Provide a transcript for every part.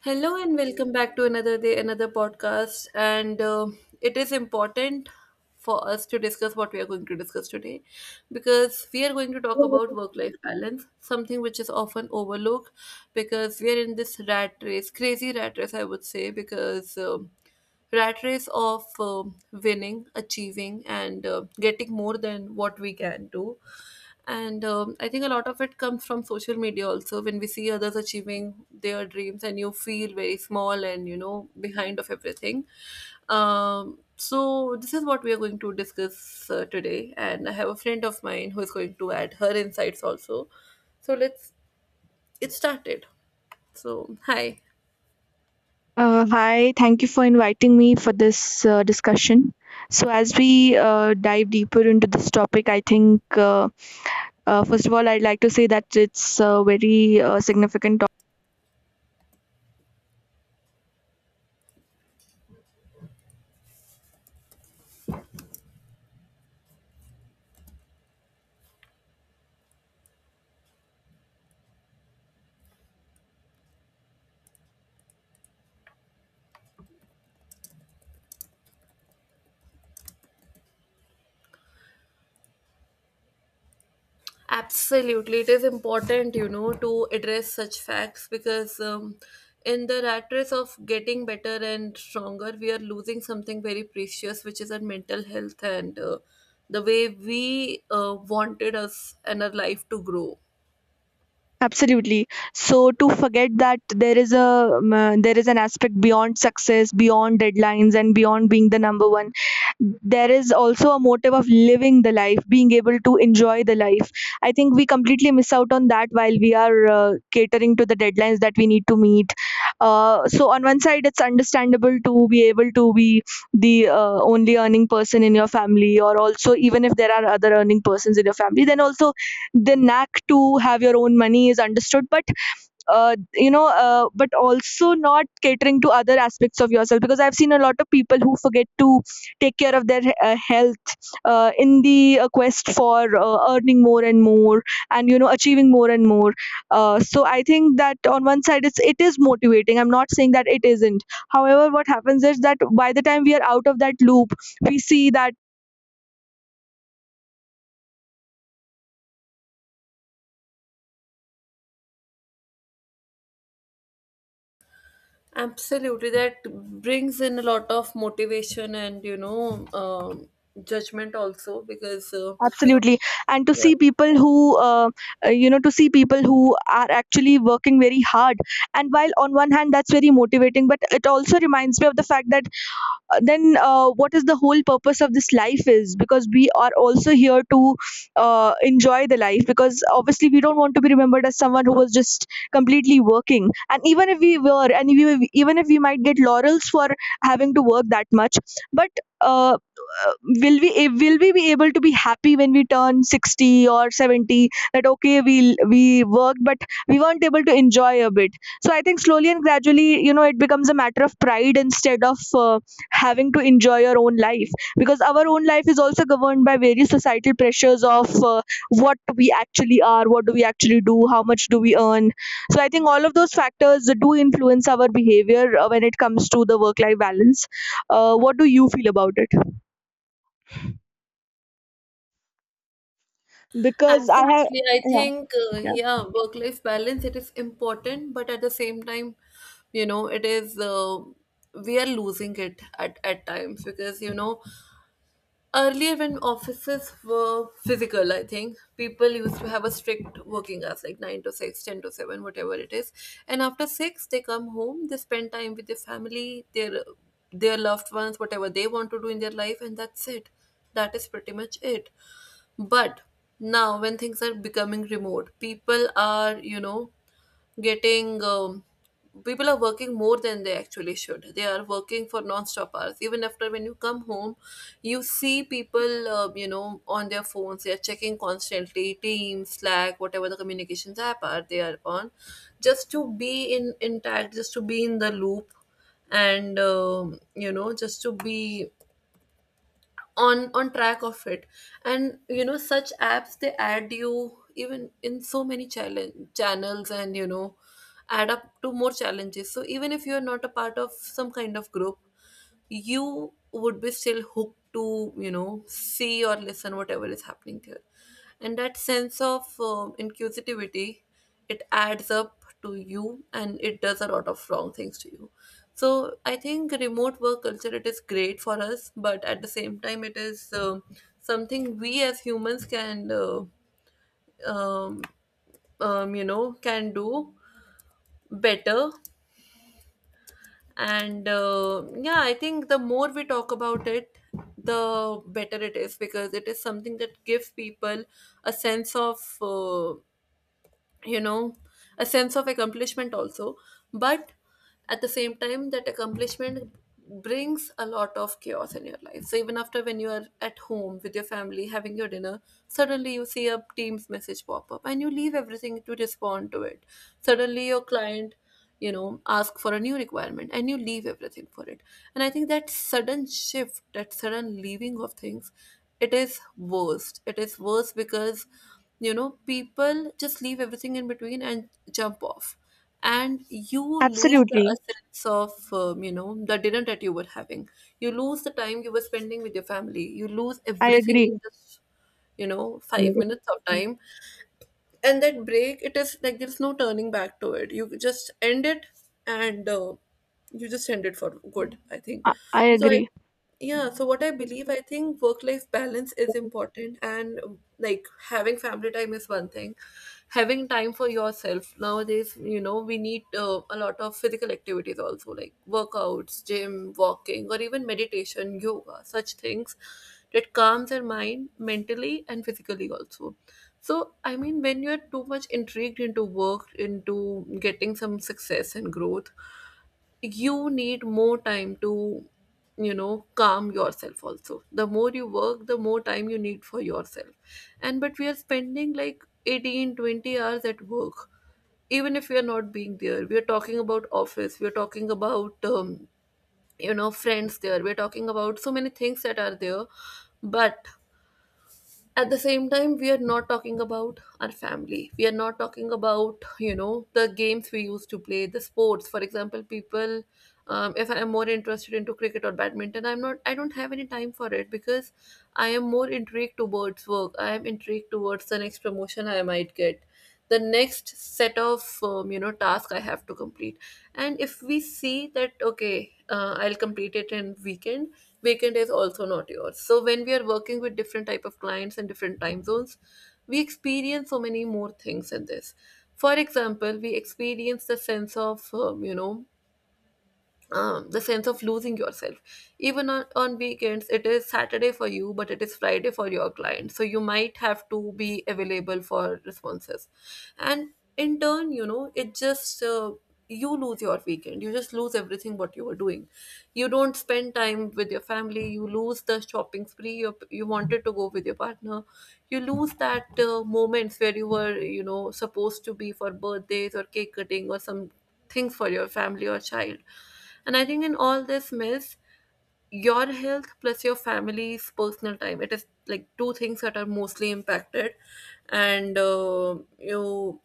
Hello and welcome back to another day, another podcast. And it is important for us to discuss what we are going to discuss today because we are going to talk about work life balance, something which is often overlooked because we are in this rat race, crazy rat race, I would say, because rat race of winning, achieving, and getting more than what we can do. And I think a lot of it comes from social media also. When we see others achieving their dreams, and you feel very small and you know behind of everything. So this is what we are going to discuss today. And I have a friend of mine who is going to add her insights also. So let's get started. So hi. Hi, thank you for inviting me for this discussion. So, as we dive deeper into this topic, I think first of all, I'd like to say that it's a very significant. Absolutely, it is important, you know, to address such facts because in the rat race of getting better and stronger, we are losing something very precious, which is our mental health and the way we wanted us and our life to grow. Absolutely. So to forget that there is an aspect beyond success, beyond deadlines, and beyond being the number one. There is also a motive of living the life, being able to enjoy the life. I think we completely miss out on that while we are catering to the deadlines that we need to meet. So on one side, it's understandable to be able to be the only earning person in your family, or also, even if there are other earning persons in your family, then also the knack to have your own money is understood, but but also not catering to other aspects of yourself, because I've seen a lot of people who forget to take care of their health in the quest for earning more and more, and you know, achieving more and more. So I think that on one side it is motivating. I'm not saying that it isn't. However, what happens is that by the time we are out of that loop, we see that. Absolutely, that brings in a lot of motivation and judgment also because Absolutely. And to yeah. see people who you know to see people who are actually working very hard, and while on one hand that's very motivating, but it also reminds me of the fact that then what is the whole purpose of this life, is because we are also here to enjoy the life. Because obviously we don't want to be remembered as someone who was just completely working. And even if we were, even if we might get laurels for having to work that much, but uh, uh, will we be able to be happy when we turn 60 or 70? That, okay, we worked, but we weren't able to enjoy a bit. So I think slowly and gradually, you know, it becomes a matter of pride instead of having to enjoy your own life. Because our own life is also governed by various societal pressures of what we actually are, what do we actually do, how much do we earn. So I think all of those factors do influence our behavior when it comes to the work life balance. What do you feel about it? Because I have. Absolutely. I Yeah. think, Yeah. yeah, work-life balance, it is important, but at the same time, you know, we are losing it at times because, you know, earlier when offices were physical, I think people used to have a strict working hours, like 9 to 6, 10 to 7, whatever it is. And after 6, they come home, they spend time with their family, their loved ones, whatever they want to do in their life, and that's it. That is pretty much it. But now, when things are becoming remote, people are, you know, getting people are working more than they actually should. They are working for non-stop hours. Even after when you come home, you see people, you know, on their phones. They are checking constantly, Teams, Slack, whatever the communications app are they are on, just to be in intact, just to be in the loop. And you know, just to be on track of it. And you know, such apps, they add you even in so many challenge channels, and you know, add up to more challenges. So even if you're not a part of some kind of group, you would be still hooked to, you know, see or listen whatever is happening there. And that sense of inquisitivity, it adds up to you and it does a lot of wrong things to you. So I think remote work culture, it is great for us, but at the same time, it is something we as humans can um, you know, can do better. And yeah, I think the more we talk about it, the better it is because it is something that gives people a sense of, you know, a sense of accomplishment also. But at the same time, that accomplishment brings a lot of chaos in your life. So even after when you are at home with your family having your dinner, suddenly you see a team's message pop up, and you leave everything to respond to it. Suddenly your client, you know, ask for a new requirement, and you leave everything for it. And I think that sudden shift, that sudden leaving of things, it is worse because, you know, people just leave everything in between and jump off, and you lose the Absolutely. sense of, you know, the dinner that you were having. You lose the time you were spending with your family. You lose I everything agree. in just, you know, 5 minutes of time. And that break, it is like there's no turning back to it. You just end it. And you just end it for good, I think. I So I agree. Yeah, so what I believe, I think work life balance is important. And like, having family time is one thing. Having time for yourself nowadays, you know, we need a lot of physical activities also, like workouts, gym, walking, or even meditation, yoga, such things that calms your mind mentally and physically also. So, I mean, when you're too much intrigued into work, into getting some success and growth, you need more time to, you know, calm yourself also. The more you work, the more time you need for yourself. And but we are spending like 18, 20 hours at work. Even if we are not being there, we are talking about office, we are talking about, you know, friends there, we are talking about so many things that are there. But at the same time, we are not talking about our family. We are not talking about, you know, the games we used to play, the sports, for example. People If I am more interested into cricket or badminton, I don't have any time for it because I am more intrigued towards work. I am intrigued towards the next promotion I might get, the next set of, you know, task I have to complete. And if we see that, okay, I'll complete it in weekend. Weekend is also not yours. So when we are working with different type of clients and different time zones, we experience so many more things in this. For example, we experience the sense of the sense of losing yourself. Even on weekends, it is Saturday for you, but it is Friday for your client. So you might have to be available for responses. And in turn, you know, you lose your weekend. You just lose everything what you were doing. You don't spend time with your family. You lose the shopping spree you wanted to go with your partner. You lose that moments where you were, you know, supposed to be for birthdays or cake cutting or some things for your family or child. And I think in all this mess, your health plus your family's personal time, it is like two things that are mostly impacted. And you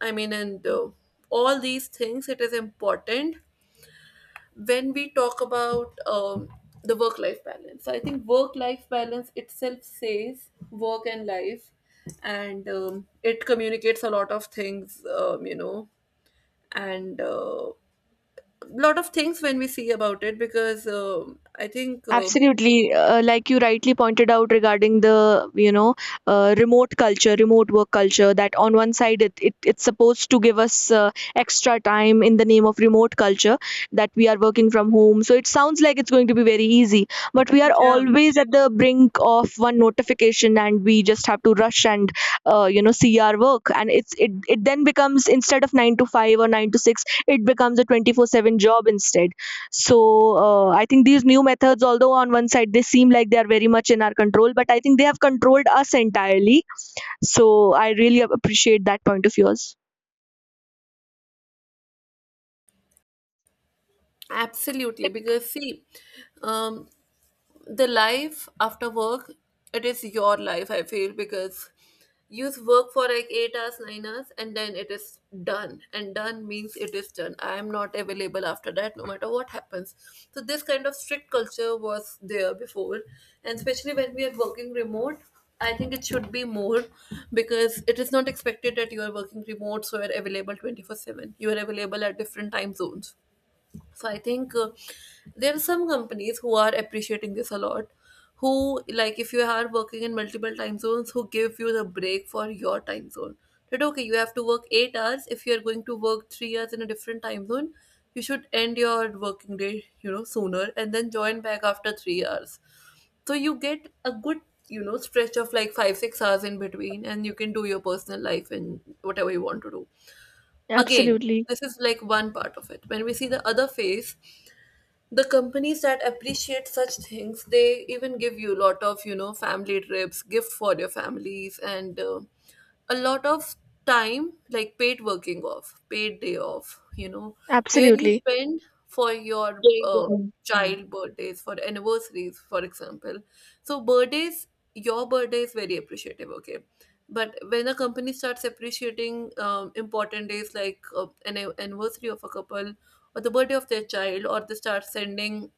I mean and All these things, it is important when we talk about the work life balance. So I think work life balance itself says work and life. And it communicates a lot of things, you know, and a lot of things when we see about it because, I think Absolutely. Like you rightly pointed out regarding the, you know, remote culture, remote work culture. That on one side it's supposed to give us extra time in the name of remote culture, that we are working from home. So it sounds like it's going to be very easy, but we are yeah, always at the brink of one notification, and we just have to rush and see our work. And it then becomes, instead of nine to five or nine to six, it becomes a 24/7 job instead. So I think these new methods, although on one side they seem like they are very much in our control, but I think they have controlled us entirely. So I really appreciate that point of yours. absolutely because see, um, the life after work, it is your life, I feel, because you work for like 8 hours, 9 hours, and then it is done. And done means it is done. I am not available after that, no matter what happens. So this kind of strict culture was there before, and especially when we are working remote, I think it should be more because it is not expected that you are working remote, so you are available 24/7. You are available at different time zones. So I think there are some companies who are appreciating this a lot. Who, like, if you are working in multiple time zones, who give you the break for your time zone. That okay, you have to work 8 hours. If you are going to work 3 hours in a different time zone, you should end your working day, you know, sooner and then join back after 3 hours. So you get a good, you know, stretch of like 5, 6 hours in between, and you can do your personal life and whatever you want to do. Again, Absolutely. this is like one part of it. When we see the other face, the companies that appreciate such things, they even give you a lot of, you know, family trips, gift for your families, and a lot of time, like paid working off, paid day off, you know, where you Absolutely. spend for your Yeah, yeah. child birthdays, for anniversaries, for example. So birthdays, your birthday is very appreciative, okay. But when a company starts appreciating important days, like, an anniversary of a couple, or the birthday of their child, or they start sending,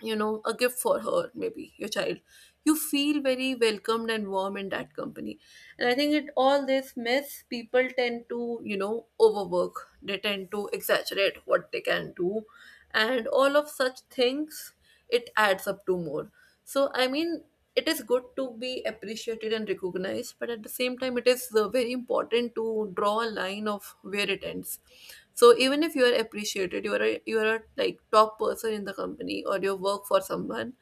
you know, a gift for her, maybe your child, you feel very welcomed and warm in that company. And I think it, all this mess, people tend to, you know, overwork. They tend to exaggerate what they can do, and all of such things, it adds up to more. So I mean, it is good to be appreciated and recognized, but at the same time, it is very important to draw a line of where it ends. So even if you are appreciated, you are a, like, top person in the company or you work for someone,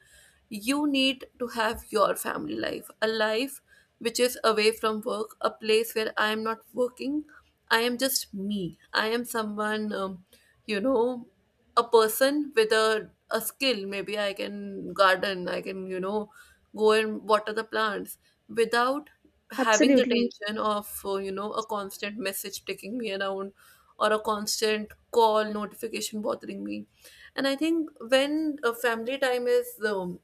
you need to have your family life, a life which is away from work, a place where I am not working. I am just me. I am someone, you know, a person with a skill. Maybe I can garden, I can, you know, go and water the plants without having the Absolutely. tension of, you know, a constant message taking me around or a constant call notification bothering me. And I think when a family time is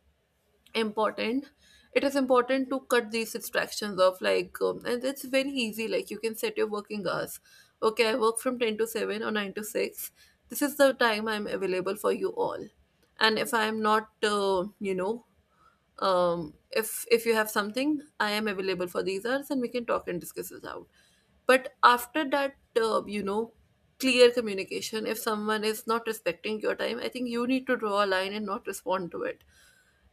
important, it is important to cut these distractions off, and it's very easy. Like, you can set your working hours. Okay, I work from 10 to 7 or 9 to 6. This is the time I'm available for you all. And if I'm not, you know, if you have something, I am available for these hours and we can talk and discuss this out. But after that, you know, clear communication. If someone is not respecting your time, I think you need to draw a line and not respond to it.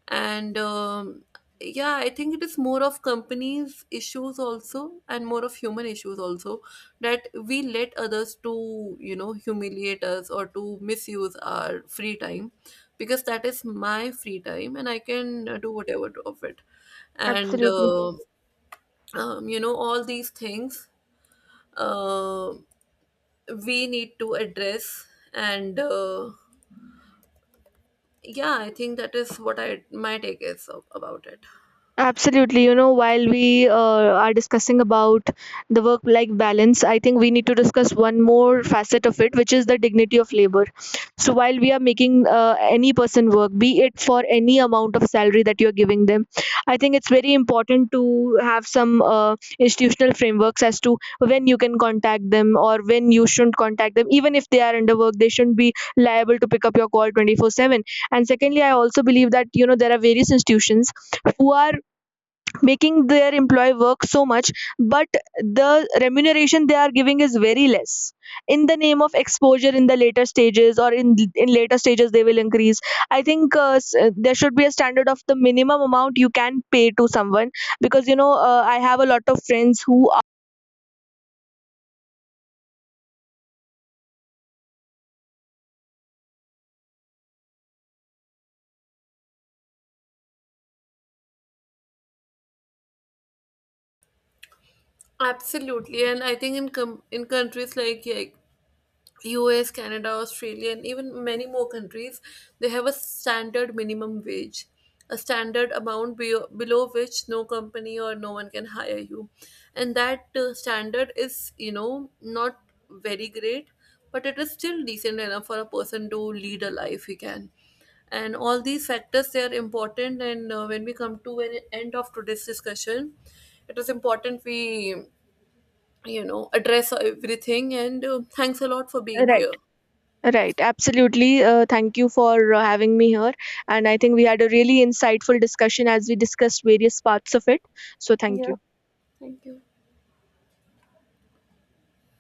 And yeah, I think it is more of companies issues also and more of human issues also, that we let others to, you know, humiliate us or to misuse our free time. Because that is my free time and I can do whatever of it. and Absolutely. uh, um, you know, all these things, uh, we need to address. And yeah, I think that is what I my take is about it. Absolutely. You know, while we are discussing about the work-life balance, I think we need to discuss one more facet of it, which is the dignity of labor. So while we are making any person work, be it for any amount of salary that you're giving them, I think it's very important to have some institutional frameworks as to when you can contact them or when you shouldn't contact them. Even if they are under work, they shouldn't be liable to pick up your call 24/7. And secondly, I also believe that, you know, there are various institutions who are making their employee work so much, but the remuneration they are giving is very less, in the name of exposure in the later stages, or in later stages they will increase. I think there should be a standard of the minimum amount you can pay to someone, because, you know, I have a lot of friends who Absolutely, and I think in countries like US, Canada, Australia, and even many more countries, they have a standard minimum wage, a standard amount below which no company or no one can hire you, and that standard is, you know, not very great, but it is still decent enough for a person to lead a life he can. And all these factors, they are important. And when we come to an end of today's discussion, it is important we, you know, address everything. And thanks a lot for are being right. here. Right, absolutely. Thank you for having me here, and I think we had a really insightful discussion as we discussed various parts of it. So thank you. Thank you.